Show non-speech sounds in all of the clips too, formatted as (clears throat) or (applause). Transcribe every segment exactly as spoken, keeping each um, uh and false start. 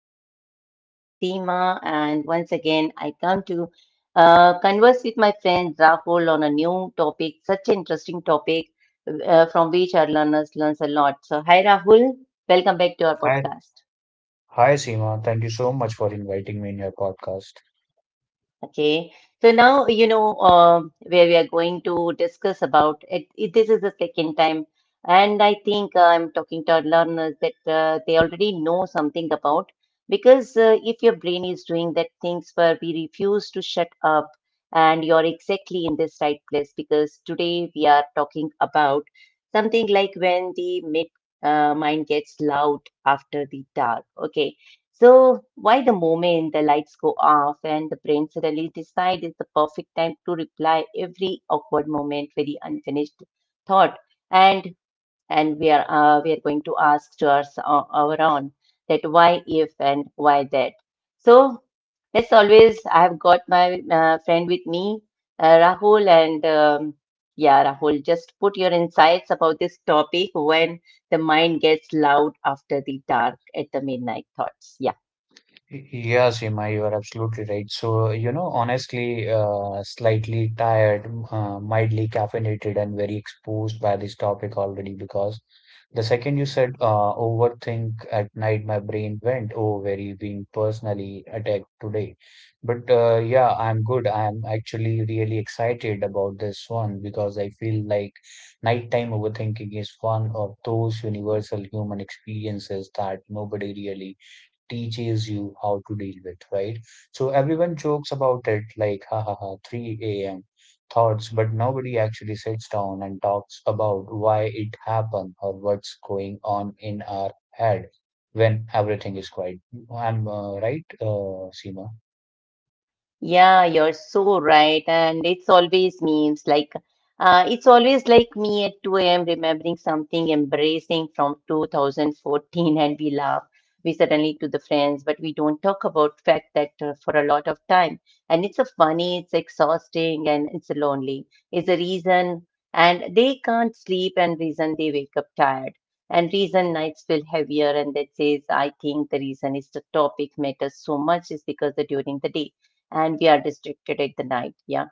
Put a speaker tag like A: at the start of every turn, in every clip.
A: podcast. This is your host, Seema. And once again, I come to uh, converse with my friend Rahul on a new topic, such an interesting topic uh, from which our learners learns a lot. So, hi, Rahul. Welcome back to our
B: Hi,
A: podcast.
B: hi Seema. Thank you so much for inviting me in your podcast.
A: Okay, so now you know um, where we are going to discuss about it, it- this is the second time, and I think uh, I'm talking to our learners that uh, they already know something about because uh, if your brain is doing that things where we refuse to shut up, and you're exactly in this right place because today we are talking about something like when the mid uh, mind gets loud after the dark. Okay, so, why the moment the lights go off and the brain suddenly decides it's the perfect time to reply every awkward moment, very unfinished thought, and and we are uh, we are going to ask to our, our own that why if and why that. So, as always, I have got my uh, friend with me, uh, Rahul, and um, yeah, Rahul, just put your insights about this topic when the mind gets loud after the dark at the midnight thoughts. Yeah.
B: Yeah, Seema, you are absolutely right. So, you know, honestly, uh, slightly tired, uh, mildly caffeinated, and very exposed by this topic already because the second you said uh, overthink at night, my brain went, oh, very being personally attacked today. But uh, yeah, I'm good. I'm actually really excited about this one because I feel like nighttime overthinking is one of those universal human experiences that nobody really teaches you how to deal with, right? So everyone jokes about it like, ha ha ha, three a m thoughts, but nobody actually sits down and talks about why it happened or what's going on in our head when everything is quiet. I'm uh, right, uh, Seema?
A: Yeah, you're so right. And it's always memes like uh, it's always like me at two a m remembering something embracing from twenty fourteen, and we laugh. We suddenly to the friends, but we don't talk about fact that uh, for a lot of time. And it's a funny, it's exhausting, and it's lonely. It's a reason, and they can't sleep, and reason they wake up tired, and reason nights feel heavier. And that says, I think the reason is the topic matters so much is because the during the day and we are distracted at the night. Yeah.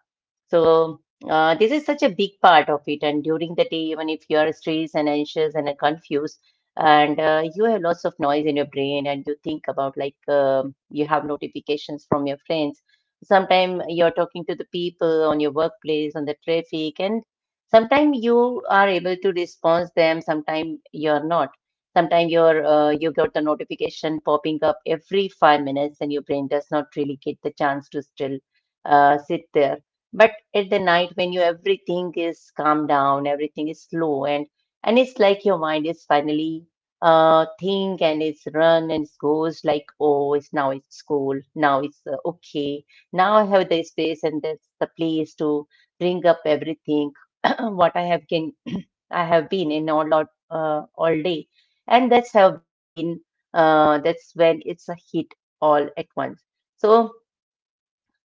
A: So uh, this is such a big part of it. And during the day, even if you are stressed and anxious and uh, confused, and uh, you have lots of noise in your brain, and you think about like um, you have notifications from your friends. Sometimes you're talking to the people on your workplace, on the traffic, and sometimes you are able to respond them. Sometimes you're not. Sometimes you're uh, you got the notification popping up every five minutes, and your brain does not really get the chance to still uh, sit there, but at the night when you everything is calm down, everything is slow, and and it's like your mind is finally uh think and it's run, and it goes like, oh, it's now it's school now it's uh, okay, now I have the space, and that's the place to bring up everything (clears throat) what I have can (clears throat) I have been in all lot uh, all day, and that's have been uh that's when it's a hit all at once. So.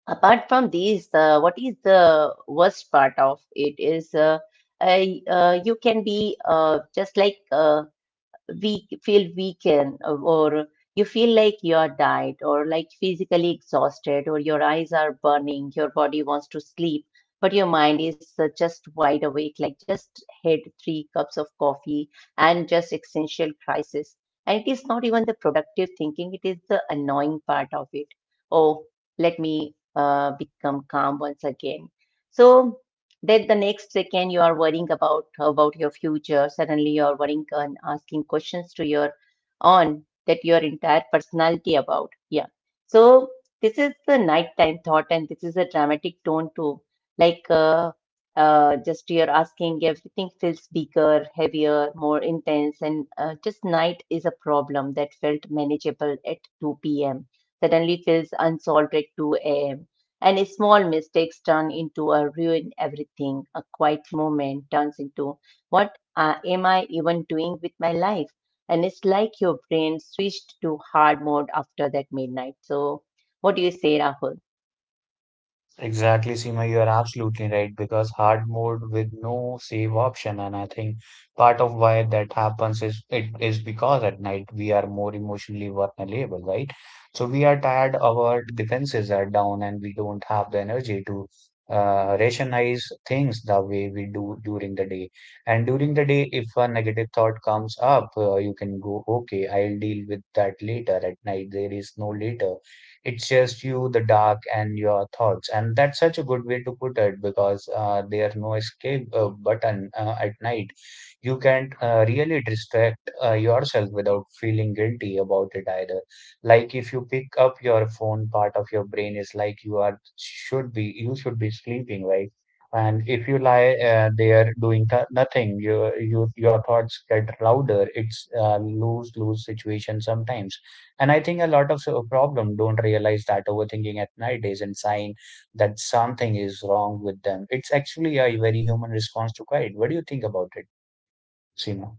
A: Apart from these, uh, what is the worst part of it is uh, I, uh, you can be uh, just like uh, weak, feel weakened, or you feel like you're tired or like physically exhausted or your eyes are burning, your body wants to sleep, but your mind is uh, just wide awake, like just had three cups of coffee and just existential crisis. And it is not even the productive thinking, it is the annoying part of it. Oh, let me uh, become calm once again. So, then the next second you are worrying about about your future. Suddenly you are worrying and asking questions to your on that your entire personality about. Yeah. So this is the nighttime thought, and this is a dramatic tone too. Like uh, uh, just you're asking everything feels bigger, heavier, more intense, and uh, just night is a problem that felt manageable at two p m. Suddenly feels unsolved at two a.m., and small mistakes turn into a ruin everything. A quiet moment turns into what, uh, am I even doing with my life? And it's like your brain switched to hard mode after that midnight. So, what do you say, Rahul?
B: Exactly, Seema, you are absolutely right because hard mode with no save option, and I think part of why that happens is it is because at night we are more emotionally vulnerable, right? So we are tired, our defenses are down, and we don't have the energy to uh, rationalize things the way we do during the day. And during the day, if a negative thought comes up, uh, you can go, okay, I'll deal with that later. At night, there is no later. It's just you, the dark, and your thoughts. And that's such a good way to put it because uh, there's no escape uh, button uh, at night. You can't uh, really distract uh, yourself without feeling guilty about it either. Like if you pick up your phone, part of your brain is like you are should be you should be sleeping, right? And if you lie uh, there doing th nothing, you, you, your thoughts get louder. It's a lose-lose situation sometimes. And I think a lot of so- problem don't realize that overthinking at night isn't sign that something is wrong with them. It's actually a very human response to quiet. What do you think about it, Seema?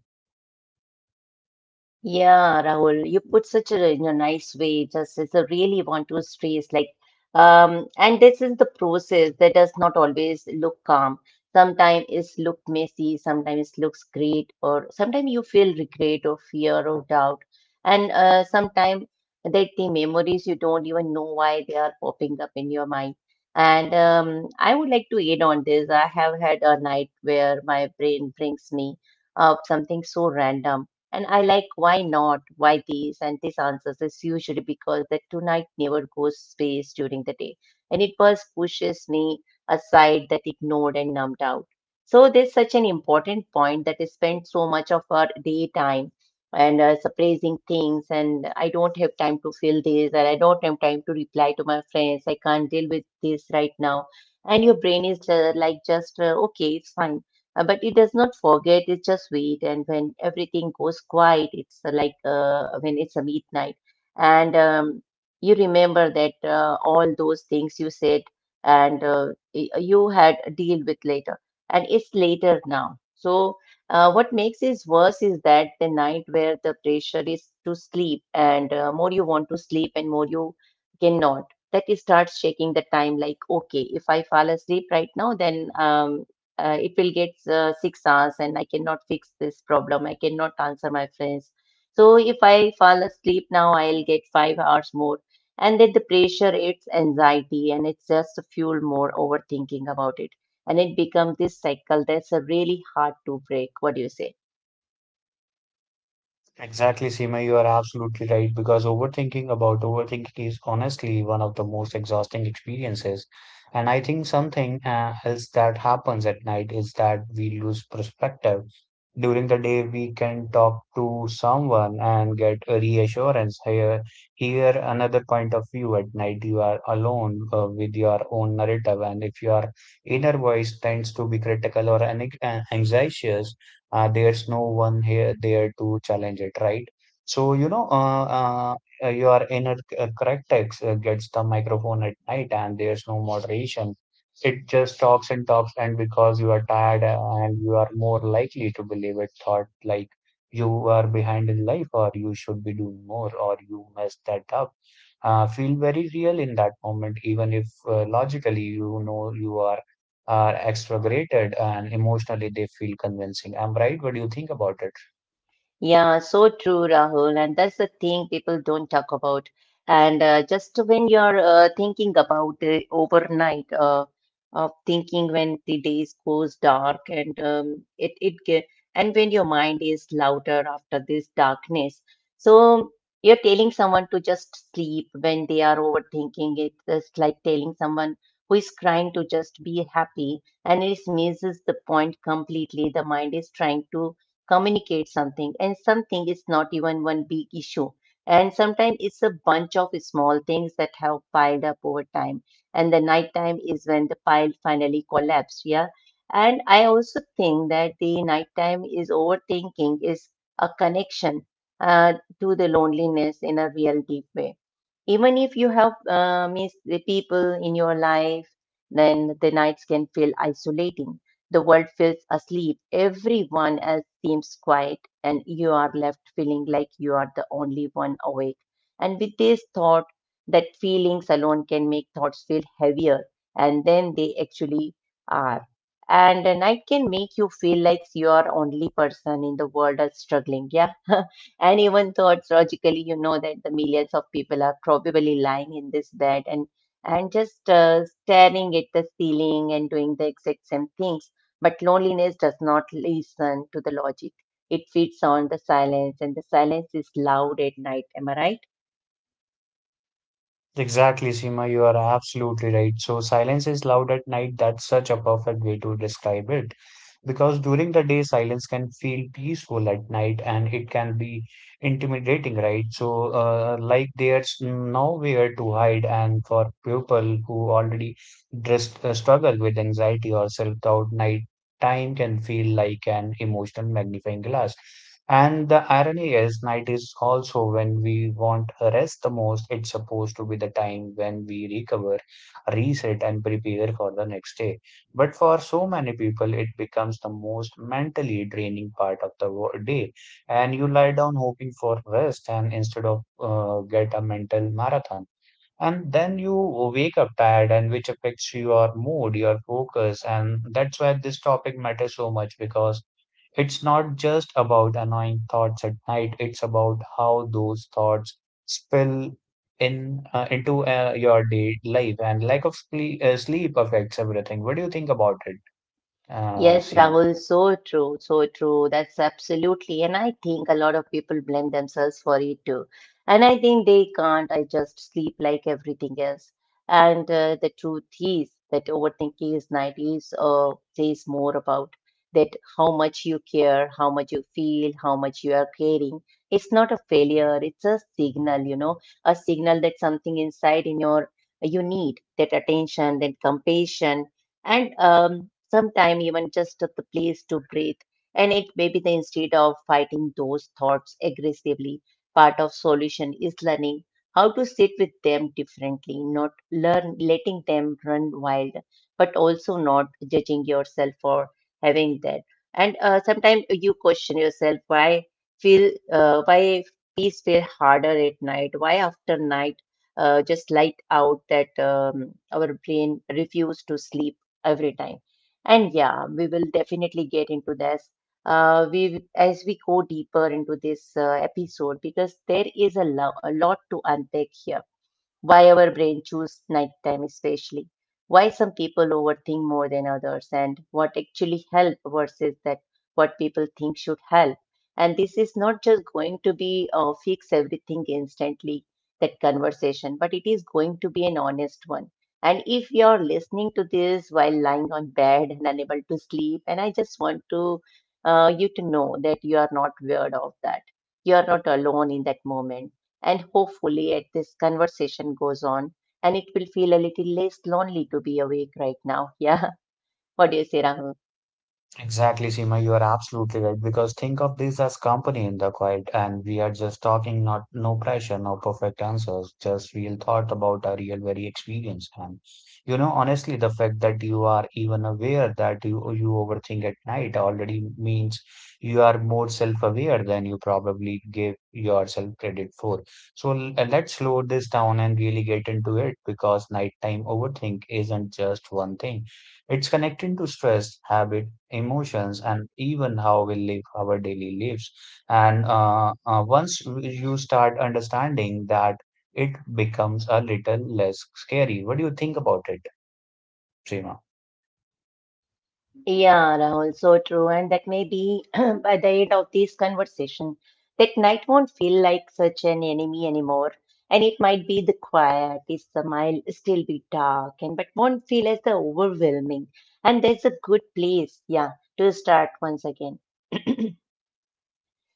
A: Yeah, Rahul, you put such a in a nice way. Just as I really want to stress, like, um, and this is the process that does not always look calm. Sometimes it's look messy, sometimes it looks great, or sometimes you feel regret or fear or doubt, and uh, sometimes that the memories you don't even know why they are popping up in your mind. And um, I would like to add on this. I have had a night where my brain brings me up something so random, and I like why not, why these, and this answers is usually because the tonight never goes space during the day. And it first pushes me aside that ignored and numbed out. So there's such an important point that I spend so much of our daytime and uh, suppressing things, and I don't have time to feel this, and I don't have time to reply to my friends. I can't deal with this right now. And your brain is uh, like just uh, okay, it's fine, uh, but it does not forget, it's just wait, and when everything goes quiet it's uh, like uh, when it's a midnight, and um, you remember that uh, all those things you said, and uh, y- uh, you had a deal with later, and it's later now. So uh, what makes it worse is that the night where the pressure is to sleep, and uh, more you want to sleep, and more you cannot, that it starts shaking the time like, okay, if I fall asleep right now then um, uh, it will get uh, six hours, and I cannot fix this problem. I cannot answer my friends. So if I fall asleep now, I'll get five hours more. And then the pressure, it's anxiety, and it's just fuel more overthinking about it. And it becomes this cycle that's uh, really hard to break. What do you say?
B: Exactly, Seema, you are absolutely right because overthinking about overthinking is honestly one of the most exhausting experiences. And I think something uh, else that happens at night is that we lose perspective. During the day, we can talk to someone and get a reassurance. Here, hear another point of view. At night, you are alone uh, with your own narrative, and if your inner voice tends to be critical or an- anxious, uh, there's no one here there to challenge it, right? So, you know, uh, uh, uh, your inner c- uh, correct text uh, gets the microphone at night and there's no moderation. It just talks and talks, and because you are tired uh, and you are more likely to believe it, thought like you are behind in life or you should be doing more or you messed that up. Uh, feel very real in that moment, even if uh, logically you know you are are exaggerated and emotionally they feel convincing. I'm right. What do you think about it?
A: Yeah, so true, Rahul. And that's the thing people don't talk about. And uh, just when you're uh, thinking about the overnight uh, of thinking when the days goes dark, and um, it it ge- and when your mind is louder after this darkness, so you're telling someone to just sleep when they are overthinking it. It's like telling someone who is crying to just be happy, and it misses the point completely. The mind is trying to communicate something, and something is not even one big issue, and sometimes it's a bunch of small things that have piled up over time, and the nighttime is when the pile finally collapsed. Yeah. And I also think that the nighttime is overthinking is a connection uh, to the loneliness in a real deep way. Even if you have uh, missed the people in your life, then the nights can feel isolating. The world feels asleep. Everyone else seems quiet, and you are left feeling like you are the only one awake. And with this thought, that feelings alone can make thoughts feel heavier, and then they actually are, and a night can make you feel like you are only person in the world that's struggling. Yeah. (laughs) And even thoughts logically you know that the millions of people are probably lying in this bed, and and just uh, staring at the ceiling and doing the exact same things, but loneliness does not listen to the logic. It feeds on the silence, and the silence is loud at night, am I right?
B: Exactly, Seema, you are absolutely right. So, silence is loud at night. That's such a perfect way to describe it. Because during the day, silence can feel peaceful at night and it can be intimidating, right? So, uh, like there's nowhere to hide. And for people who already dress, uh, struggle with anxiety or self doubt, night time can feel like an emotional magnifying glass. And the irony is, night is also when we want a rest the most. It's supposed to be the time when we recover, reset, and prepare for the next day. But for so many people, it becomes the most mentally draining part of the wo- day. And you lie down hoping for rest, and instead of uh, get a mental marathon. And then you wake up tired, and which affects your mood, your focus. And that's why this topic matters so much because it's not just about annoying thoughts at night, it's about how those thoughts spill in uh, into uh, your day life. And lack of cle- uh, sleep affects everything. What do you think about it,
A: Yes,
B: uh, Seema?
A: Rahul, so true, so true. That's absolutely. And I think a lot of people blame themselves for it too. And I think they can't. I just sleep like everything else. And uh, the truth is that overthinking is nineties uh, says more about that how much you care, how much you feel, how much you are caring. It's not a failure. It's a signal, you know, a signal that something inside in your you need that attention, that compassion, and um, sometime even just at the place to breathe. And it may be the instead of fighting those thoughts aggressively, part of solution is learning how to sit with them differently, not learn letting them run wild, but also not judging yourself for having that. And uh, sometimes you question yourself why feel uh, why peace feel harder at night, why after night uh, just light out that um, our brain refuses to sleep every time. And yeah, we will definitely get into this. Uh, we as we go deeper into this uh, episode, because there is a, lo- a lot to unpack here. Why our brain choose nighttime especially, why some people overthink more than others, and what actually help versus that what people think should help. And this is not just going to be uh, fix everything instantly that conversation, but it is going to be an honest one. And if you are listening to this while lying on bed and unable to sleep, and I just want to uh, you to know that you are not weird of that, you are not alone in that moment. And hopefully, as this conversation goes on, and it will feel a little less lonely to be awake right now. Yeah. (laughs) What do you say, Rahul?
B: Exactly, Seema, you are absolutely right. Because think of this as company in the quiet, and we are just talking, not no pressure, no perfect answers, just real thought about a real, very experience. And you know, honestly, the fact that you are even aware that you you overthink at night already means you are more self-aware than you probably give yourself credit for. So l- uh, let's slow this down and really get into it because nighttime overthink isn't just one thing. It's connected to stress, habit, emotions, and even how we live our daily lives. And uh, uh, once you start understanding that, it becomes a little less scary. What do you think about it, Seema?
A: Yeah, Rahul, so true. And that maybe (clears throat) by the end of this conversation, that night won't feel like such an enemy anymore. And it might be the quiet, it's the mild, still be dark, and but won't feel as the overwhelming. And that's a good place, yeah, to start once again. (clears throat)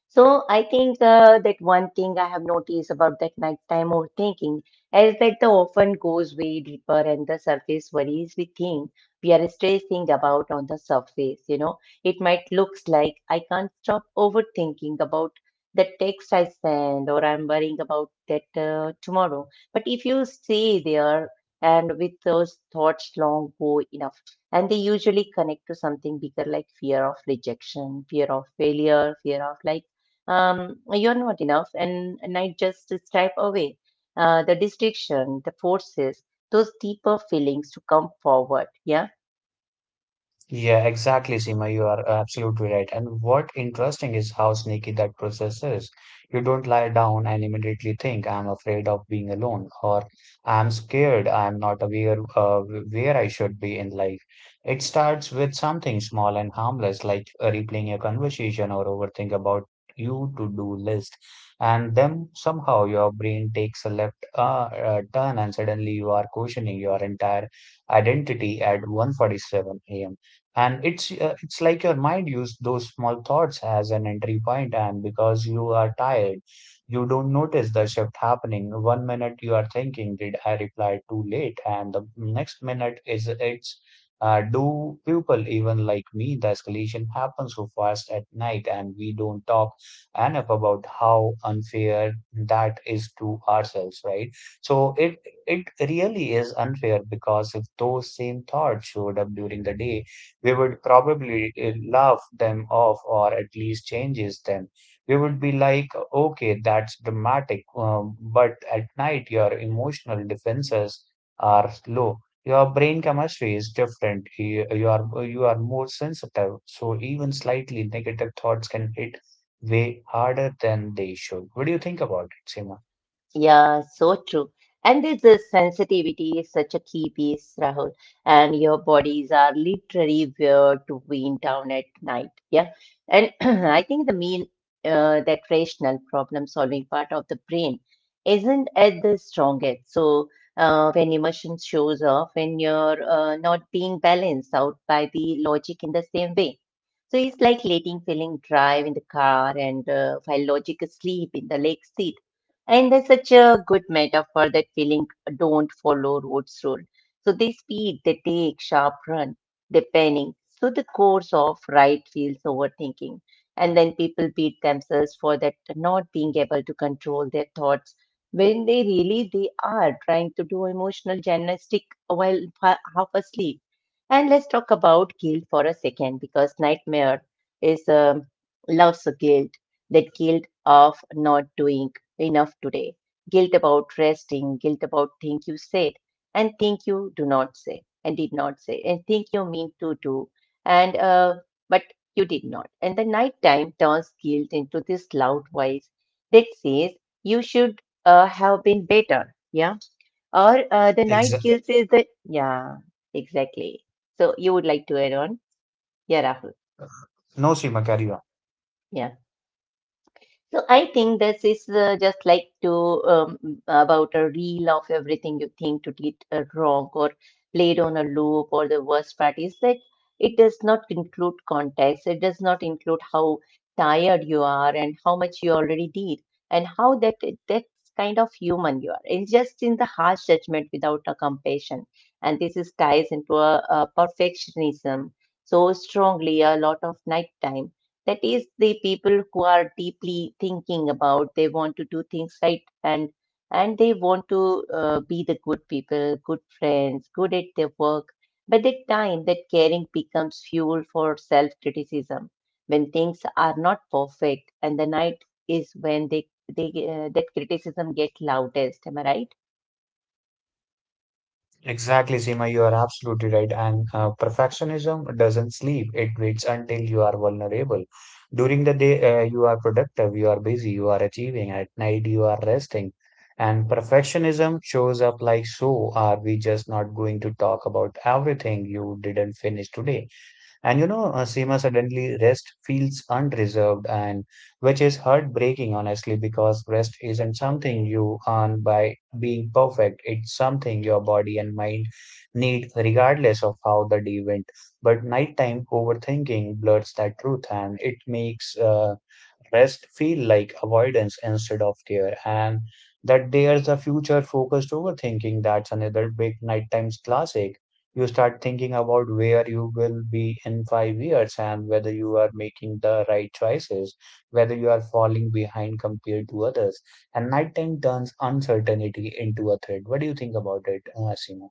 A: So I think uh, that one thing I have noticed about that nighttime overthinking is that the often goes way deeper and the surface worries we think we are stressing about on the surface. You know, it might looks like I can't stop overthinking about the text I send, or I'm worrying about that uh, tomorrow. But if you stay there and with those thoughts long go enough, and they usually connect to something bigger, like fear of rejection, fear of failure, fear of like um, you're not enough, and, and I just step away. Uh, the distraction, the forces, those deeper feelings to come forward. Yeah.
B: Yeah, exactly, Seema. You are absolutely right. And what interesting is how sneaky that process is. You don't lie down and immediately think, I'm afraid of being alone, or I'm scared, I'm not aware uh, where I should be in life. It starts with something small and harmless, like uh, replaying a conversation or overthink about you to-do list. And then somehow your brain takes a left uh, uh, turn and suddenly you are questioning your entire identity at one forty-seven a m. And it's uh, it's like your mind used those small thoughts as an entry point, and because you are tired you don't notice the shift happening. One minute you are thinking, did I reply too late, and the next minute is it's uh, do people even like me? The escalation happens so fast at night, and we don't talk enough about how unfair that is to ourselves, right? So it it really is unfair, because if those same thoughts showed up during the day we would probably uh, laugh them off or at least changes them. We would be like, okay, that's dramatic, um, but at night your emotional defenses are low. Your brain chemistry is different. You, you are you are more sensitive, so even slightly negative thoughts can hit way harder than they should. What do you think about it, Seema?
A: Yeah, so true. And this uh, sensitivity is such a key piece, Rahul. And your bodies are literally weird to wind down at night. Yeah. And (clears throat) I think the mean uh, that rational problem solving part of the brain isn't at the strongest. So uh, when emotion shows off, when you're uh, not being balanced out by the logic in the same way. So it's like letting feeling drive in the car and uh, while logic is asleep in the lake seat. And there's such a good metaphor that feeling don't follow Rhodes rule. So they speed, they take sharp run, they panic. So the course of right feels overthinking. And then people beat themselves for that not being able to control their thoughts when they really they are trying to do emotional gymnastic while fa- half asleep. And let's talk about guilt for a second, because nightmare is um, loves guilt, that guilt of not doing enough today. Guilt about resting, guilt about things you said and think you do not say and did not say and think you mean to do and uh, but you did not. And the night time turns guilt into this loud voice that says you should uh, have been better. Yeah. Or uh, the
B: Exa-
A: night guilt says that, yeah, exactly. So you would like to add on? Yeah, Rahul.
B: no, Seema, carry on.
A: Yeah. So I think this is uh, just like to um, about a reel of everything you think to get uh, wrong or played on a loop, or the worst part is that it does not include context. It does not include how tired you are and how much you already did and how that that kind of human you are. It's just in the harsh judgment without a compassion. And this is ties into a, a perfectionism so strongly a lot of nighttime. That is the people who are deeply thinking about they want to do things right, and and they want to uh, be the good people, good friends, good at their work. But the time that caring becomes fuel for self-criticism when things are not perfect, and the night is when they they uh, that criticism gets loudest. Am I right?
B: Exactly, Seema, you are absolutely right. And uh, perfectionism doesn't sleep. It waits until you are vulnerable. During the day, uh, you are productive, you are busy, you are achieving. At night, you are resting. And perfectionism shows up like, so are we just not going to talk about everything you didn't finish today? And you know, uh, Seema suddenly rest feels unreserved, and which is heartbreaking honestly because rest isn't something you earn by being perfect. It's something your body and mind need regardless of how the day went. But nighttime overthinking blurs that truth, and it makes uh, rest feel like avoidance instead of care. And that there's a future focused overthinking, that's another big nighttime's classic. You start thinking about where you will be in five years and whether you are making the right choices, whether you are falling behind compared to others. And nighttime turns uncertainty into a threat. What do you think about it, uh, Seema?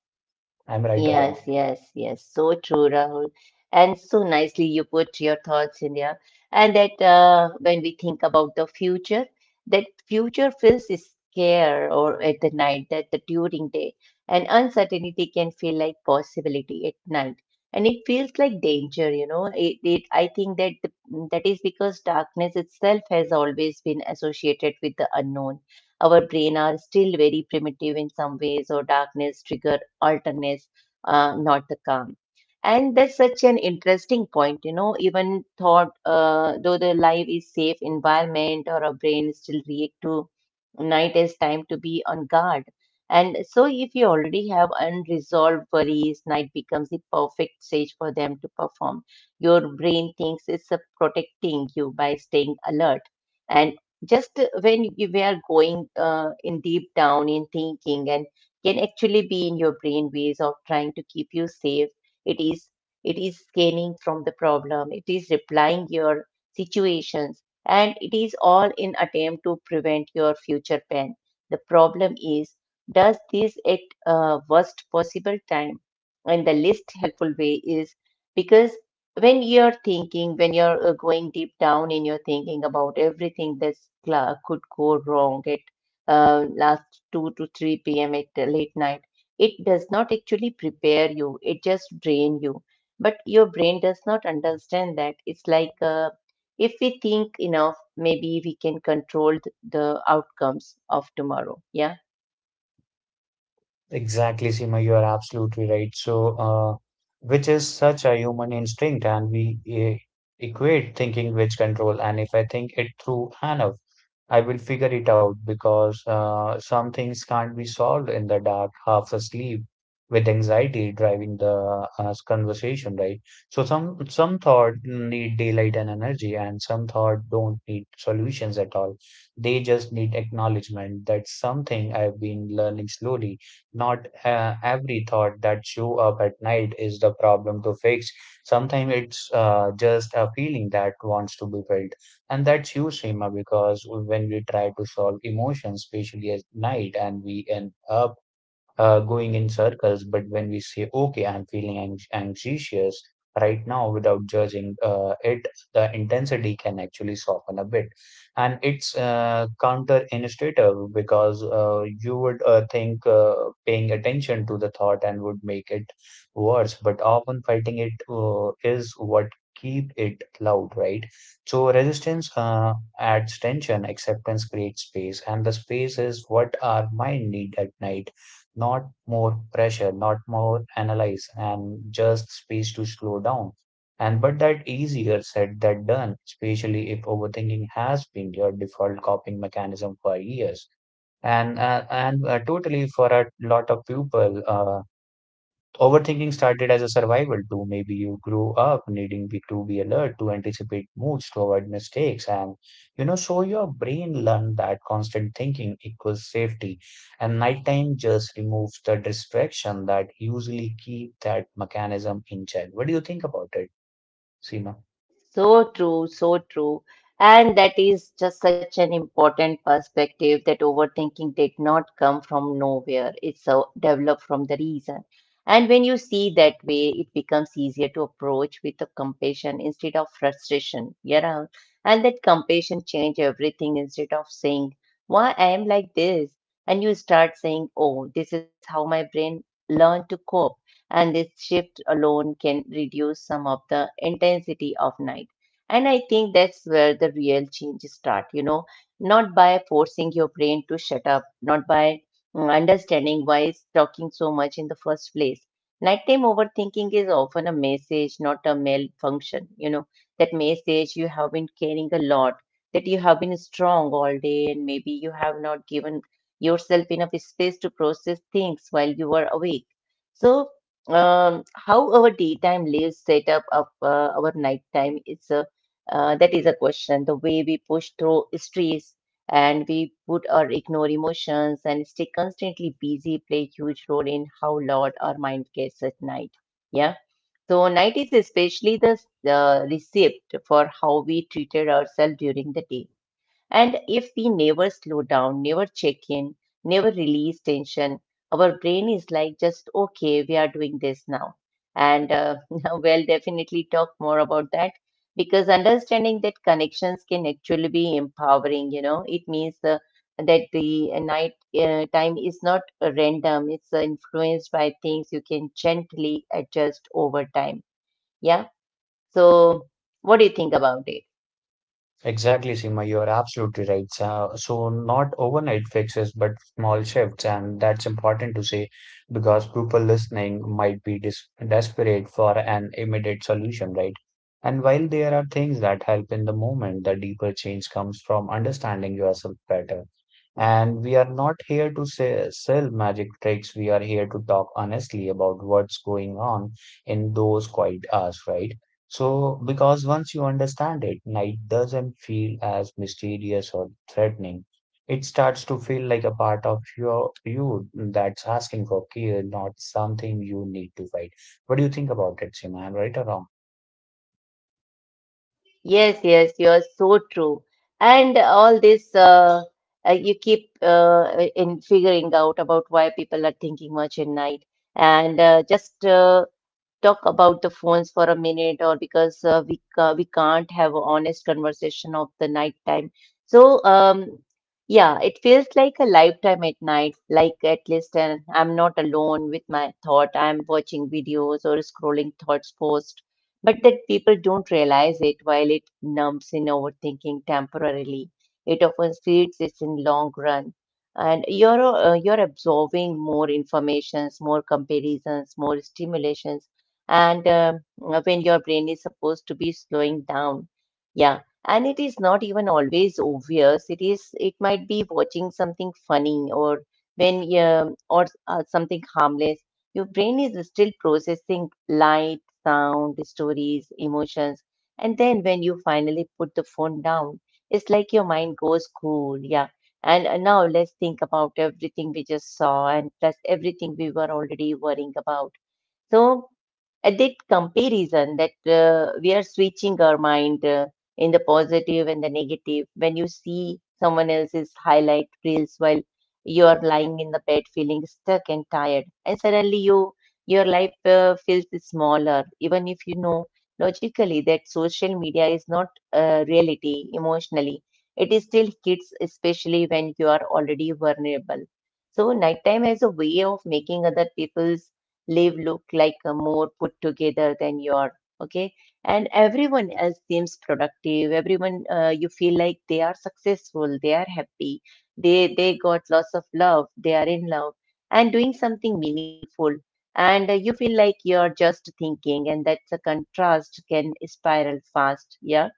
B: I'm right or wrong?
A: Yes, yes, yes. So true, Rahul. And so nicely you put your thoughts in there. And that uh, when we think about the future, that future feels scare or at the night, that the during day. And uncertainty can feel like possibility at night. And it feels like danger, you know. It, it I think that the, that is because darkness itself has always been associated with the unknown. Our brain are still very primitive in some ways, or darkness trigger alertness uh, not the calm. And that's such an interesting point, you know, even thought, uh, though the life is safe environment, or our brain still react to night as time to be on guard. And so if you already have unresolved worries, night becomes the perfect stage for them to perform. Your brain thinks it's uh, protecting you by staying alert. And just when you we are going uh, in deep down in thinking, and can actually be in your brain ways of trying to keep you safe. It is it is scanning from the problem, it is replying your situations, and it is all in attempt to prevent your future pain. The problem is, does this at uh, worst possible time and the least helpful way is, because when you're thinking, when you're uh, going deep down in your thinking about everything that could go wrong uh, last two to three p m at the late night, it does not actually prepare you, it just drain you. But your brain does not understand that. It's like uh, if we think enough, maybe we can control th- the outcomes of tomorrow. Yeah.
B: Exactly, Seema, you are absolutely right. So, uh, which is such a human instinct, and we eh, equate thinking with control. And if I think it through enough, I will figure it out, because uh, some things can't be solved in the dark, half asleep, with anxiety driving the uh, conversation, right? So some some thought need daylight and energy, and some thought don't need solutions at all. They just need acknowledgement. That's something I've been learning slowly. Not uh, every thought that show up at night is the problem to fix. Sometimes it's uh, just a feeling that wants to be felt. And that's you, Seema, because when we try to solve emotions, especially at night, and we end up uh, going in circles. But when we say, okay, I'm feeling anx- anxious right now without judging uh, it, the intensity can actually soften a bit. And it's uh, counterintuitive, because uh, you would uh, think uh, paying attention to the thought and would make it worse, but often fighting it uh, is what keep it loud, right? So resistance uh, adds tension, acceptance creates space, and the space is what our mind need at night. Not more pressure, not more analyze, and just space to slow down. And but that easier said than done, especially if overthinking has been your default coping mechanism for years. And uh, and uh, totally for a lot of people, uh, overthinking started as a survival tool. Maybe you grew up needing be, to be alert, to anticipate moods, to avoid mistakes, and you know, so your brain learned that constant thinking equals safety. And nighttime just removes the distraction that usually keep that mechanism in check. What do you think about it, Seema?
A: So true, so true. And that is just such an important perspective, that overthinking did not come from nowhere. It's uh, developed from the reason. And when you see that way, it becomes easier to approach with the compassion instead of frustration. You know, and that compassion change everything. Instead of saying, why I am like this, and you start saying, oh, this is how my brain learned to cope, and this shift alone can reduce some of the intensity of night. And I think that's where the real change start, you know, not by forcing your brain to shut up, not by mm, understanding why it's talking so much in the first place. Nighttime overthinking is often a message, not a malfunction. You know, that message, you have been carrying a lot, that you have been strong all day, and maybe you have not given yourself enough space to process things while you were awake. So um, how our daytime lives set up of uh, our nighttime is a uh, that is a question. The way we push through stress, and we put or ignore emotions and stay constantly busy, play huge role in how loud our mind gets at night. Yeah. So night is especially the uh, receipt for how we treated ourselves during the day. And if we never slow down, never check in, never release tension, our brain is like, just okay, we are doing this now. And uh, (laughs) we'll definitely talk more about that, because understanding that connections can actually be empowering. You know, it means uh, that the uh, night uh, time is not uh, random, it's uh, influenced by things you can gently adjust over time. Yeah. So, what do you think about it?
B: Exactly, Seema, you are absolutely right. So, so not overnight fixes, but small shifts, and that's important to say because people listening might be dis desperate for an immediate solution, right? And while there are things that help in the moment, the deeper change comes from understanding yourself better. And we are not here to say, sell magic tricks. We are here to talk honestly about what's going on in those quiet hours, right? So, because once you understand it, night doesn't feel as mysterious or threatening. It starts to feel like a part of your you that's asking for care, not something you need to fight. What do you think about it, Sima? I'm right or wrong?
A: Yes, yes, you are so true. And all this, uh, uh, you keep uh, in figuring out about why people are thinking much at night. And uh, just uh, talk about the phones for a minute, or because uh, we ca- we can't have an honest conversation of the night time. So um yeah, it feels like a lifetime at night, like at least, and I'm not alone with my thought, I'm watching videos or scrolling thoughts post. But that people don't realize it, while it numbs in overthinking temporarily, it often feeds it's in long run. And you're uh, you're absorbing more informations, more comparisons, more stimulation, and uh, when your brain is supposed to be slowing down. Yeah. And it is not even always obvious. It is it might be watching something funny, or when um or uh, something harmless, your brain is still processing light, sound, stories, emotions. And then when you finally put the phone down, it's like your mind goes, cool, yeah. And uh, now let's think about everything we just saw, and plus everything we were already worrying about. So addict comparison, that uh, we are switching our mind uh, in the positive and the negative. When you see someone else's highlight reels while you are lying in the bed feeling stuck and tired, and suddenly you your life uh, feels smaller. Even if you know logically that social media is not uh, reality, emotionally it is still kids, especially when you are already vulnerable. So nighttime has a way of making other people's live look like a more put together than you are. Okay. And everyone else seems productive, everyone, uh, you feel like they are successful, they are happy, they they got lots of love, they are in love and doing something meaningful. And uh, you feel like you're just thinking, and that's a contrast can spiral fast. Yeah.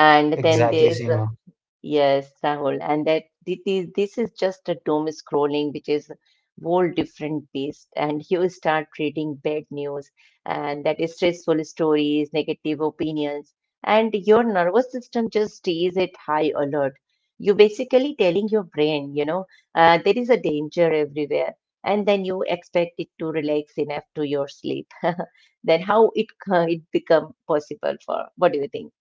A: And then
B: Exactly,
A: there's uh,
B: Seema.
A: yes, Sahul, and that thi- this is just a doom scrolling, which is whole different beast. And you start reading bad news, and that is stressful stories, negative opinions, and your nervous system just stays at high alert. You basically telling your brain, you know, uh, there is a danger everywhere, and then you expect it to relax enough to your sleep. (laughs) Then how it c- it become possible for? What do you think?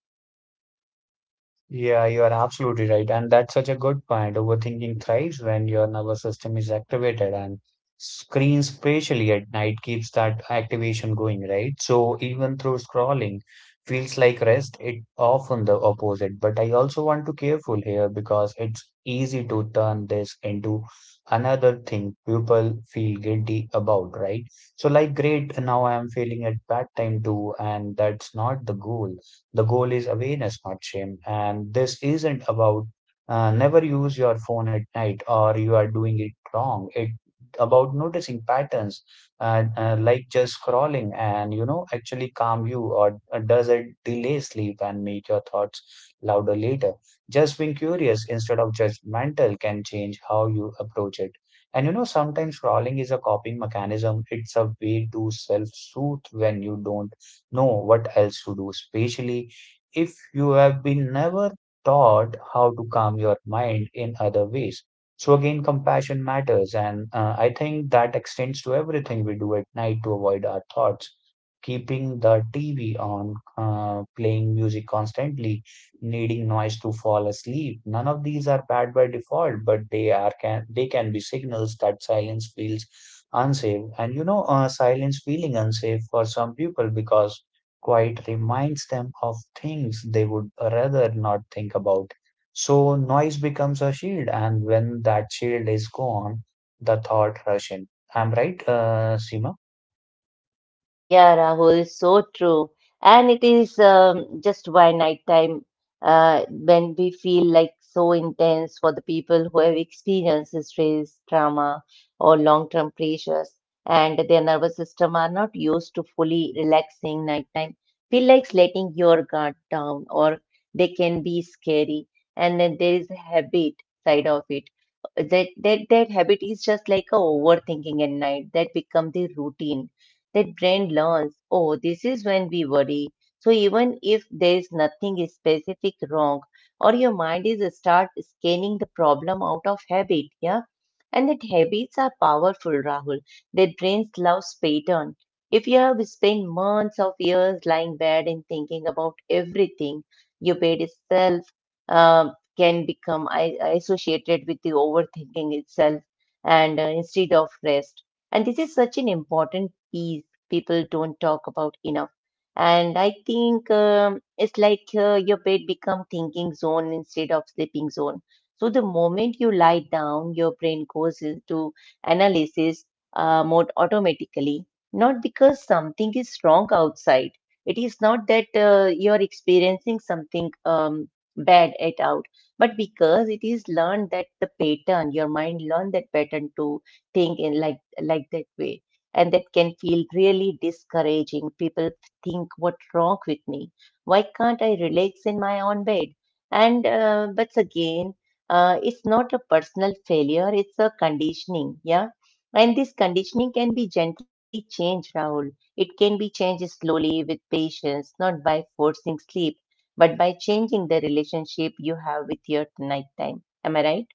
B: Yeah, you are absolutely right. And that's such a good point. Overthinking thrives when your nervous system is activated, and screens, especially at night, keeps that activation going, right? So even through scrolling feels like rest, it often the opposite. But I also want to careful here because it's easy to turn this into another thing people feel guilty about, right? So like, great, now I am feeling at bad time too, and that's not the goal. The goal is awareness, not shame. And this isn't about uh, never use your phone at night or you are doing it wrong. It about noticing patterns uh, uh, like just scrolling and you know actually calm you or uh, does it delay sleep and make your thoughts louder later, just being curious instead of judgmental can change how you approach it. And you know sometimes scrolling is a coping mechanism, it's a way to self-soothe when you don't know what else to do, especially if you have been never taught how to calm your mind in other ways. So again, compassion matters, and uh, I think that extends to everything we do at night to avoid our thoughts. Keeping the T V on, uh, playing music constantly, needing noise to fall asleep. None of these are bad by default, but they are can they can be signals that silence feels unsafe. And you know, uh, silence feeling unsafe for some people because quiet reminds them of things they would rather not think about. So noise becomes a shield, and when that shield is gone, the thought rush in. I'm right, uh, Seema?
A: Yeah, Rahul, so true. And it is um, just why nighttime, uh, when we feel like so intense for the people who have experienced stress, trauma, or long-term pressures, and their nervous system are not used to fully relaxing nighttime, feel like letting your guard down, or they can be scary. And then there is a habit side of it. That that that habit is just like a overthinking at night that become the routine that brain learns, oh, this is when we worry. So even if there is nothing specific wrong, or your mind is uh, start scanning the problem out of habit, yeah. And that habits are powerful, Rahul. That brains loves pattern. If you have spent months of years lying bed and thinking about everything, your bed itself um can become i- associated with the overthinking itself and uh, instead of rest. And this is such an important piece people don't talk about enough. And I think um, it's like uh, your bed become thinking zone instead of sleeping zone. So the moment you lie down, your brain goes into analysis uh, mode automatically. Not because something is wrong outside. It is not that uh, you are experiencing something um, bad at out, but because it is learned that the pattern, your mind learned that pattern to think in like like that way and that can feel really discouraging. People think, what's wrong with me? Why can't I relax in my own bed? And uh, but again, uh, it's not a personal failure, it's a conditioning. Yeah. And this conditioning can be gently changed, Rahul. It can be changed slowly with patience, not by forcing sleep, but by changing the relationship you have with your nighttime. Am I right?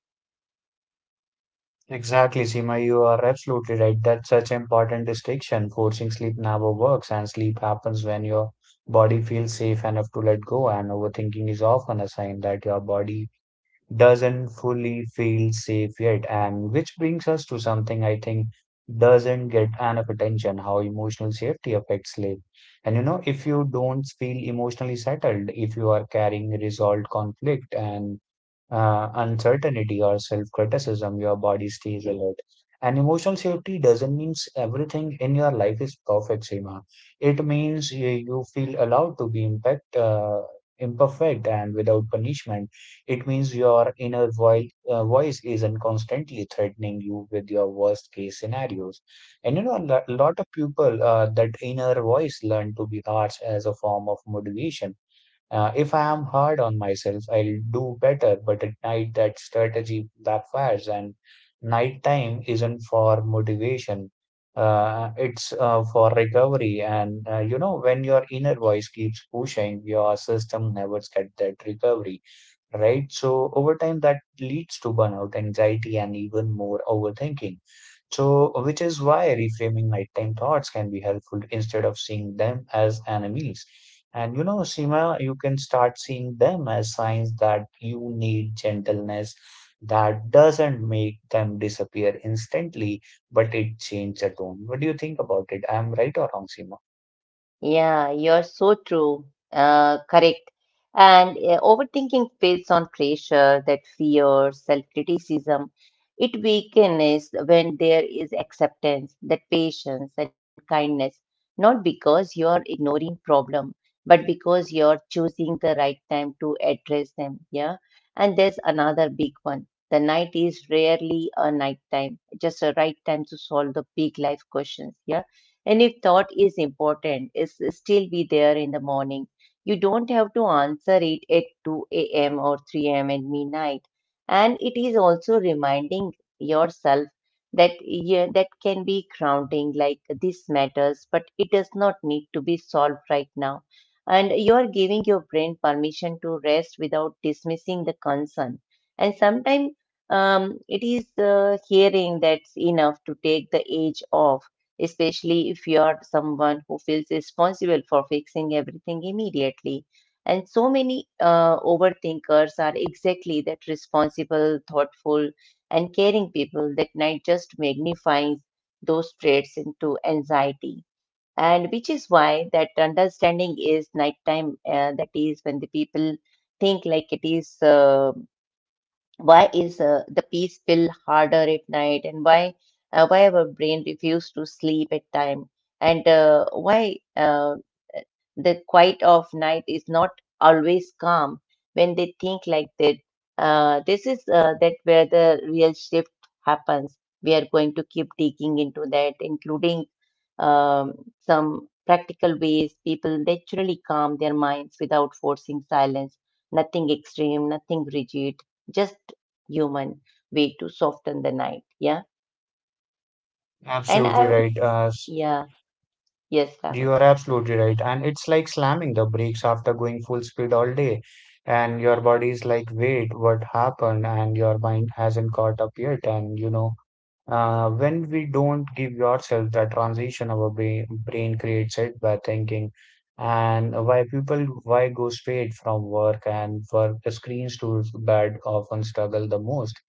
B: Exactly, Seema. You are absolutely right. That's such important distinction. Forcing sleep never works, and sleep happens when your body feels safe enough to let go. And overthinking is often a sign that your body doesn't fully feel safe yet. And which brings us to something I think doesn't get enough attention, how emotional safety affects sleep. And you know, if you don't feel emotionally settled, if you are carrying resolved conflict and uh, uncertainty or self criticism, your body stays alert. And emotional safety doesn't mean everything in your life is perfect, Seema. It means you, you feel allowed to be impact, uh, imperfect and without punishment. It means your inner voi- uh, voice isn't constantly threatening you with your worst case scenarios. And you know, a lo- lot of people, uh, that inner voice learn to be harsh as a form of motivation. Uh, if I am hard on myself, I'll do better, but at night that strategy backfires, and nighttime isn't for motivation. Uh, it's uh, for recovery. And uh, you know, when your inner voice keeps pushing, your system never gets that recovery, right? So over time that leads to burnout, anxiety, and even more overthinking. So, which is why reframing nighttime thoughts can be helpful instead of seeing them as enemies. And you know, Seema, you can start seeing them as signs that you need gentleness that doesn't make them disappear instantly, but it changes the tone. What do you think about it? I'm right or wrong, Seema?
A: Yeah, you're so true. Uh, correct. And uh, overthinking feeds on pressure, that fear, self criticism. It weakens when there is acceptance, that patience and kindness, not because you are ignoring problem, but because you are choosing the right time to address them. Yeah. And there's another big one. The night is rarely a night time, just a right time to solve the big life questions. Yeah. And if thought is important, it's still be there in the morning you don't have to answer it at two a m or three a m at midnight. And it is also reminding yourself that yeah, that can be grounding, like this matters, but it does not need to be solved right now. And you are giving your brain permission to rest without dismissing the concern. And sometimes um, it is uh, hearing that's enough to take the edge off especially if you are someone who feels responsible for fixing everything immediately. And so many uh, overthinkers are exactly that responsible, thoughtful, and caring people that night just magnifies those traits into anxiety. And which is why that understanding is nighttime, uh, that is when the people think like it is. Uh, why is uh, the peace feel harder at night and why uh, why our brain refuse to sleep at time and uh, why uh, the quiet of night is not always calm when they think like that uh, this is uh, that where the real shift happens. We are going to keep digging into that, including um, some practical ways people naturally calm their minds without forcing silence. Nothing extreme, nothing rigid, just human way to soften the night. Yeah, and
B: Absolutely
A: I
B: right. Uh,
A: yeah yes, Rahul.
B: You are absolutely right. And it's like slamming the brakes after going full speed all day. And your body is like, wait, what happened? And your mind hasn't caught up yet. And you know, uh, when we don't give yourself that transition, our brain, brain creates it by thinking. And why people, why go straight from work and for screens to bed often struggle the most,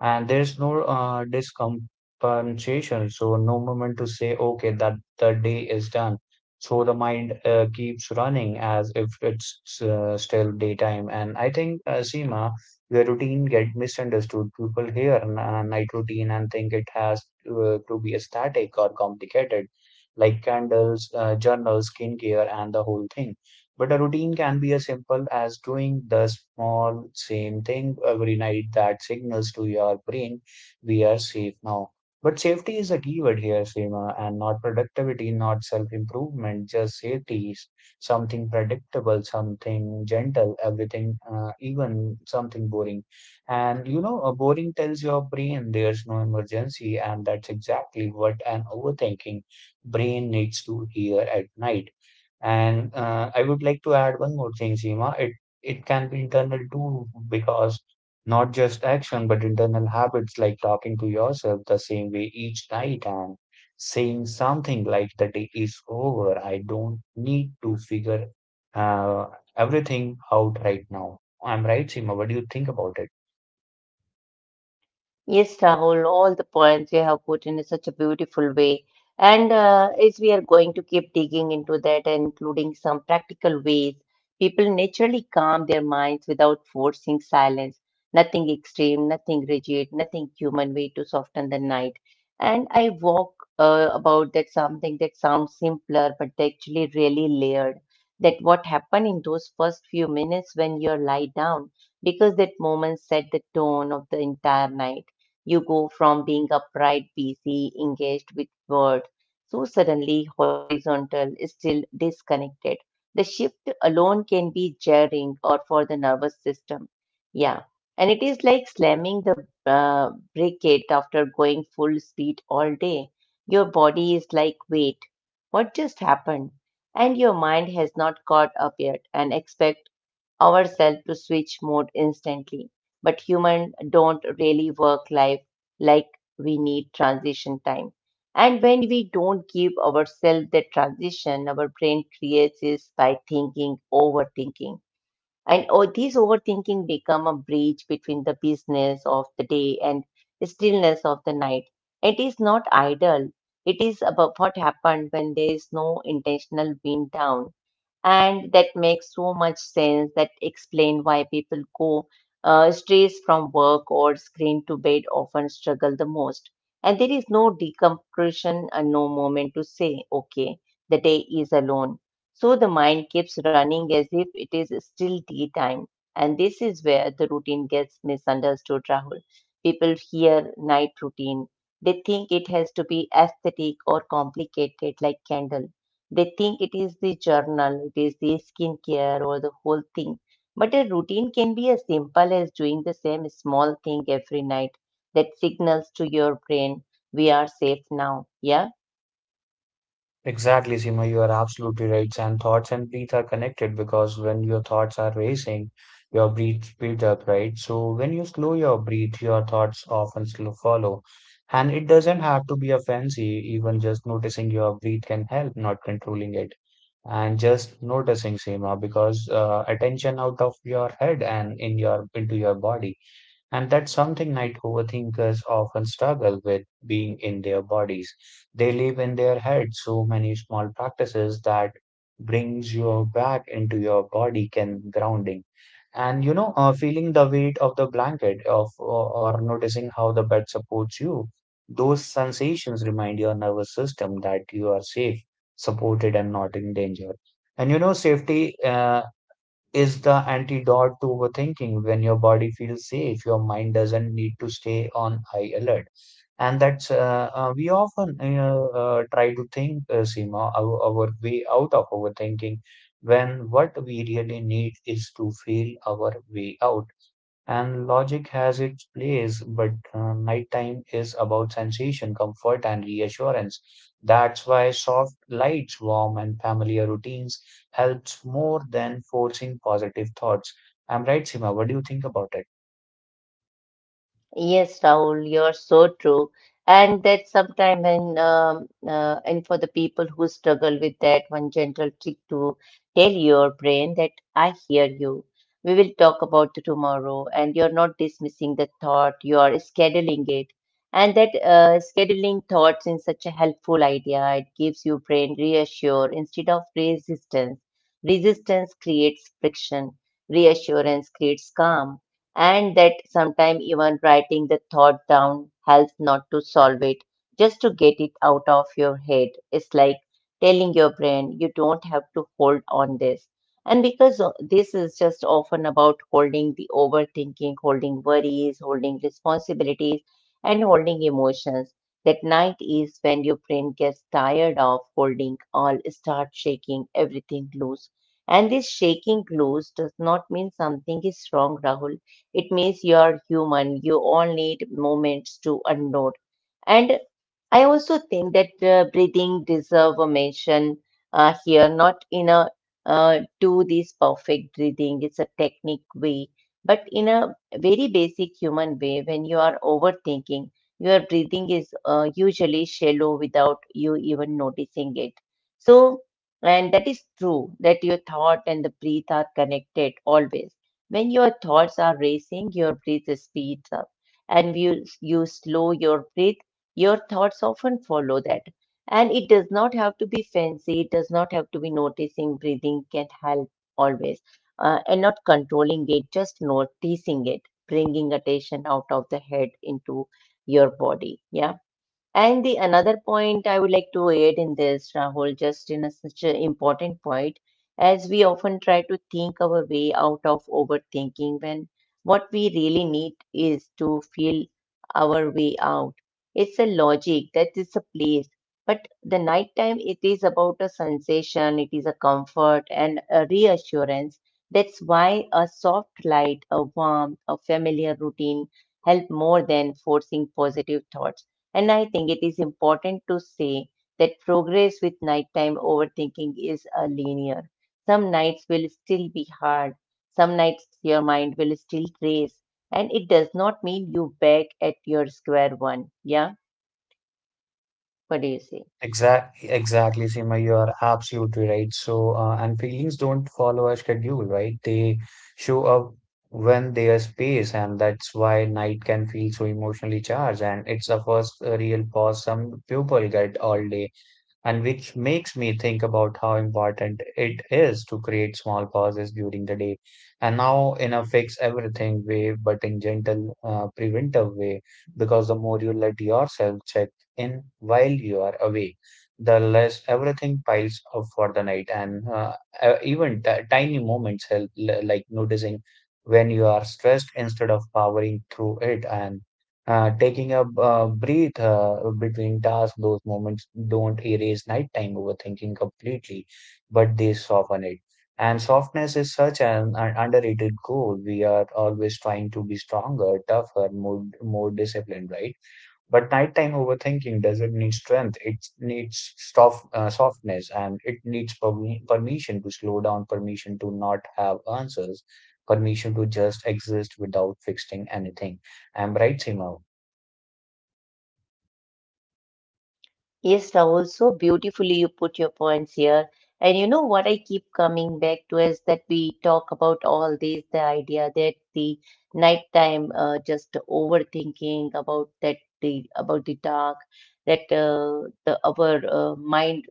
B: and there's no uh, discompensation, so no moment to say, okay, that the day is done. So the mind uh, keeps running as if it's uh, still daytime. And I think, uh, Seema, the routine get misunderstood. People hear a night routine and think it has uh, to be static or complicated, like candles, uh, journals, skincare, and the whole thing. But a routine can be as simple as doing the small same thing every night that signals to your brain we are safe now. But safety is a keyword here, Seema, and not productivity, not self-improvement, just safety is something predictable, something gentle, everything, uh, even something boring. And you know, a boring tells your brain there's no emergency, and that's exactly what an overthinking brain needs to hear at night. And uh, I would like to add one more thing, Seema. It it can be internal too, because not just action, but internal habits like talking to yourself the same way each night and saying something like the day is over. I don't need to figure uh, everything out right now. I'm right, Seema. What do you think about it?
A: Yes, Rahul, all the points you have put in such a beautiful way. And uh, as we are going to keep digging into that and including some practical ways, people naturally calm their minds without forcing silence. Nothing extreme, nothing rigid, nothing human way to soften the night. And I walk uh, about that something that sounds simpler, but actually really layered. That what happened in those first few minutes when you lie down, because that moment set the tone of the entire night you go from being upright, busy, engaged with work, so suddenly horizontal, still disconnected. The shift alone can be jarring or for the nervous system. Yeah. And it is like slamming the uh, brake it after going full speed all day. Your body is like, wait, what just happened? And your mind has not caught up yet and expects ourselves to switch mode instantly. But humans don't really work life like we need transition time. And when we don't give ourselves the transition, our brain creates this by thinking, overthinking. And oh, these overthinking become a bridge between the business of the day and stillness of the night. It is not idle. It is about what happened when there is no intentional wind down and that makes so much sense that explain why people go uh, strays from work or screen to bed often struggle the most and there is no decompression and no moment to say okay the day is alone so the mind keeps running as if it is still daytime and this is where the routine gets misunderstood Rahul. People hear night routine they think it has to be aesthetic or complicated like candle they think it is the journal, it is the skincare or the whole thing. But a routine can be as simple as doing the same small thing every night that signals to your brain we are safe now. Yeah.
B: Exactly, Seema, you are absolutely right. And thoughts and breath are connected because when your thoughts are racing, your breath speeds up, right? So when you slow your breath, your thoughts often slow follow. And it doesn't have to be a fancy, even just noticing your breath can help, not controlling it. And just noticing, Seema, because uh, attention out of your head and in your into your body. And that's something night overthinkers often struggle with, being in their bodies. They live in their heads. So many small practices that brings you back into your body can grounding. And you know, uh, feeling the weight of the blanket of or noticing how the bed supports you. Those sensations remind your nervous system that you are safe, supported, and not in danger. And you know, safety uh, is the antidote to overthinking. When your body feels safe, your mind doesn't need to stay on high alert. And that's uh, uh, we often uh, uh, try to think, uh, Seema, our, our way out of overthinking when what we really need is to feel our way out. And logic has its place, but uh, nighttime is about sensation, comfort, and reassurance. That's why soft lights, warm and familiar routines helps more than forcing positive thoughts. I'm right, Sima. What do you think about it?
A: Yes, Rahul, you're so true. And that sometimes, and um, uh, and for the people who struggle with that, one gentle trick to tell your brain that I hear you. We will talk about it tomorrow, and you're not dismissing the thought. You are scheduling it, and that uh, scheduling thoughts in such a helpful idea. It gives your brain reassure instead of resistance. Resistance creates friction. Reassurance creates calm and that sometimes even writing the thought down helps not to solve it, just to get it out of your head. It's like telling your brain you don't have to hold on this. And because o- this is just often about holding the overthinking, holding worries, holding responsibilities, and holding emotions, that night is when your brain gets tired of holding all, start shaking everything loose. And this shaking loose does not mean something is wrong, Rahul. It means you're human. You all need moments to unload. And I also think that uh, breathing deserve a mention uh, here, not in a uh, do this perfect breathing. It's a technique way, but in a very basic human way, when you are overthinking, your breathing is uh, usually shallow without you even noticing it. So, and that is true that your thought and the breath are connected always. When your thoughts are racing, your breath speeds up. And you, you slow your breath, your thoughts often follow that. And it does not have to be fancy, it does not have to be noticing. Breathing can help always. Uh, and not controlling it, just noticing it, bringing attention out of the head into your body. Yeah. And the another point I would like to add in this, Rahul, just in a, such an important point, as we often try to think our way out of overthinking when what we really need is to feel our way out. It's a logic that is a place, but the nighttime it is about a sensation, it is a comfort and a reassurance. That's why a soft light, a warmth, a familiar routine help more than forcing positive thoughts and I think it is important to say that progress with nighttime overthinking is a linear. Some nights will still be hard, some nights your mind will still race, and it does not mean you back at your square one. Yeah, what do you say?
B: Exact, exactly, Seema, you are absolutely right. So, uh, and feelings don't follow a schedule, right? They show up when they are space, and that's why night can feel so emotionally charged. And it's a first uh, real pause some people get all day, and which makes me think about how important it is to create small pauses during the day, and now in a fix everything way but in gentle uh, preventive way because the more you let yourself check in while you are away, the less everything piles up for the night. And uh, uh, even t- tiny moments help, l- like noticing when you are stressed instead of powering through it, and uh, taking a uh, breath uh, between tasks. Those moments don't erase nighttime overthinking completely, but they soften it. And softness is such an, an underrated goal. We are always trying to be stronger, tougher, more, more disciplined, right? But nighttime overthinking doesn't need strength. It needs soft, uh, softness, and it needs permi- permission to slow down, permission to not have answers, permission to just exist without fixing anything. I'm right, Seema.
A: Yes, Rahul, so beautifully you put your points here. And you know what I keep coming back to is that we talk about all these, the idea that the nighttime uh, just overthinking about that the about the dark, that uh, the our uh, mind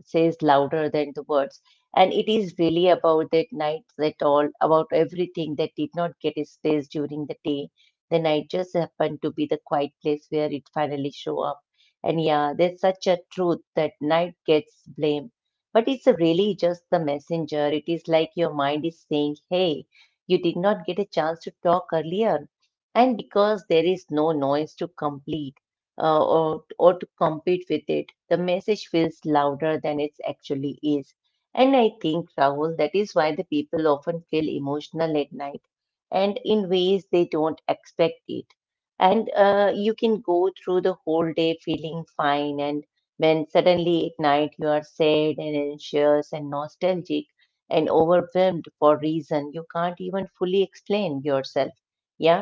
A: says louder than the words. And it is really about that night, that all about everything that did not get its space during the day. The night just happened to be the quiet place where it finally shows up and yeah, there's such a truth that night gets blame. But it's really just the messenger. It is like your mind is saying, hey, you did not get a chance to talk earlier. And because there is no noise to complete uh, or, or to compete with it, the message feels louder than it actually is. And I think, Rahul, that is why the people often feel emotional at night and in ways they don't expect it and uh, you can go through the whole day feeling fine and when suddenly at night you are sad and anxious and nostalgic and overwhelmed for reason you can't even fully explain yourself yeah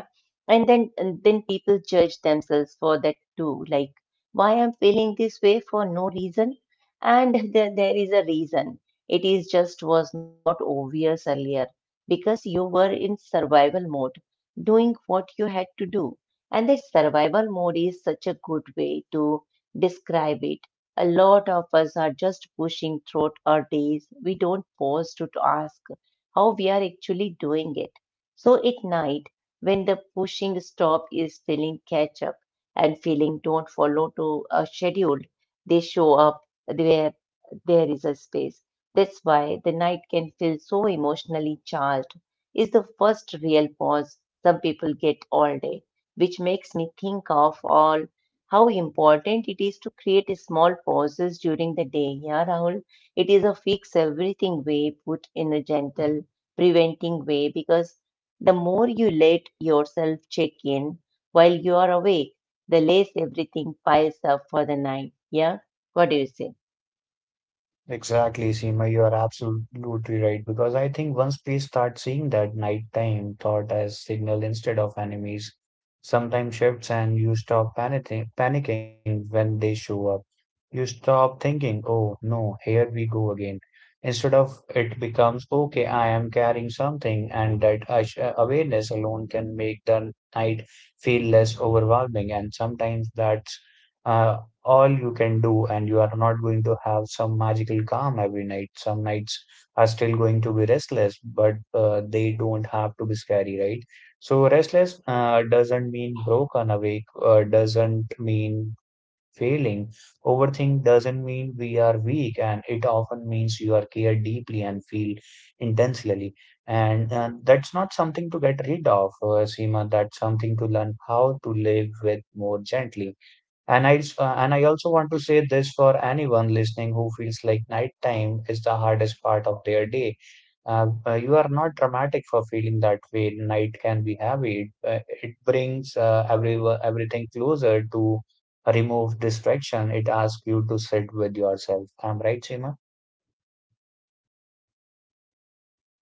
A: and then and then people judge themselves for that too like why I'm feeling this way for no reason and (laughs) there, there is a reason it is just was not obvious earlier because you were in survival mode doing what you had to do and that survival mode is such a good way to describe it a lot of us are just pushing through our days we don't pause to, to ask how we are actually doing it so at night when the pushing stop is feeling catch up and feeling don't follow to a schedule, they show up where there is a space. That's why the night can feel so emotionally charged. Is the first real pause some people get all day, which makes me think of all how important it is to create small pauses during the day. Yeah, Rahul, it is a fix everything way put in a gentle preventing way because the more you let yourself check in while you are awake, the less everything piles up for the night. Yeah? What do you say?
B: Exactly, Seema, you are absolutely right because I think once we start seeing that nighttime thought as signal instead of enemies, sometimes shifts and you stop panicking, panicking when they show up. You stop thinking, oh no, here we go again. Instead of it becomes, okay, I am carrying something, and that ash- uh, awareness alone can make the night feel less overwhelming. And sometimes that's uh, all you can do, and you are not going to have some magical calm every night. Some nights are still going to be restless, but uh, they don't have to be scary, right? So restless uh, doesn't mean broken, awake uh, doesn't mean failing, overthink doesn't mean we are weak, and it often means you are cared deeply and feel intensely. And uh, that's not something to get rid of, uh, Seema, that's something to learn how to live with more gently. And I, s- uh, and I also want to say this for anyone listening who feels like nighttime is the hardest part of their day. Uh, uh, you are not dramatic for feeling that way. Night can be heavy. It, uh, it brings uh, every, everything closer to remove distraction. It asks you to sit with yourself. I'm right, Seema?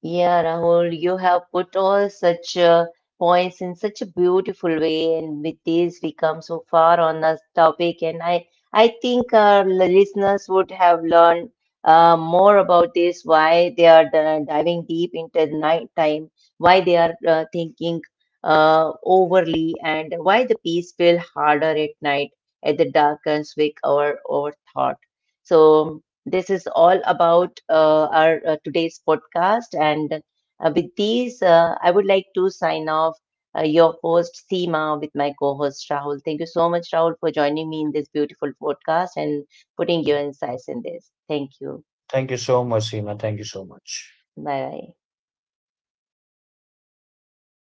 A: Yeah, Rahul, you have put all such uh, points in such a beautiful way, and with this, we come so far on this topic. And I, I think our listeners would have learned uh, more about this, why they are di- diving deep into the night time, why they are uh, thinking uh, overly, and why the peace feel harder at night at the darkens with our our thought. So this is all about uh, our uh, today's podcast. And uh, with these, uh, I would like to sign off uh, your host, Seema, with my co host, Rahul. Thank you so much, Rahul, for joining me in this beautiful podcast and putting your insights in this. Thank you.
B: Thank you so much, Seema. Thank you so much.
A: Bye bye.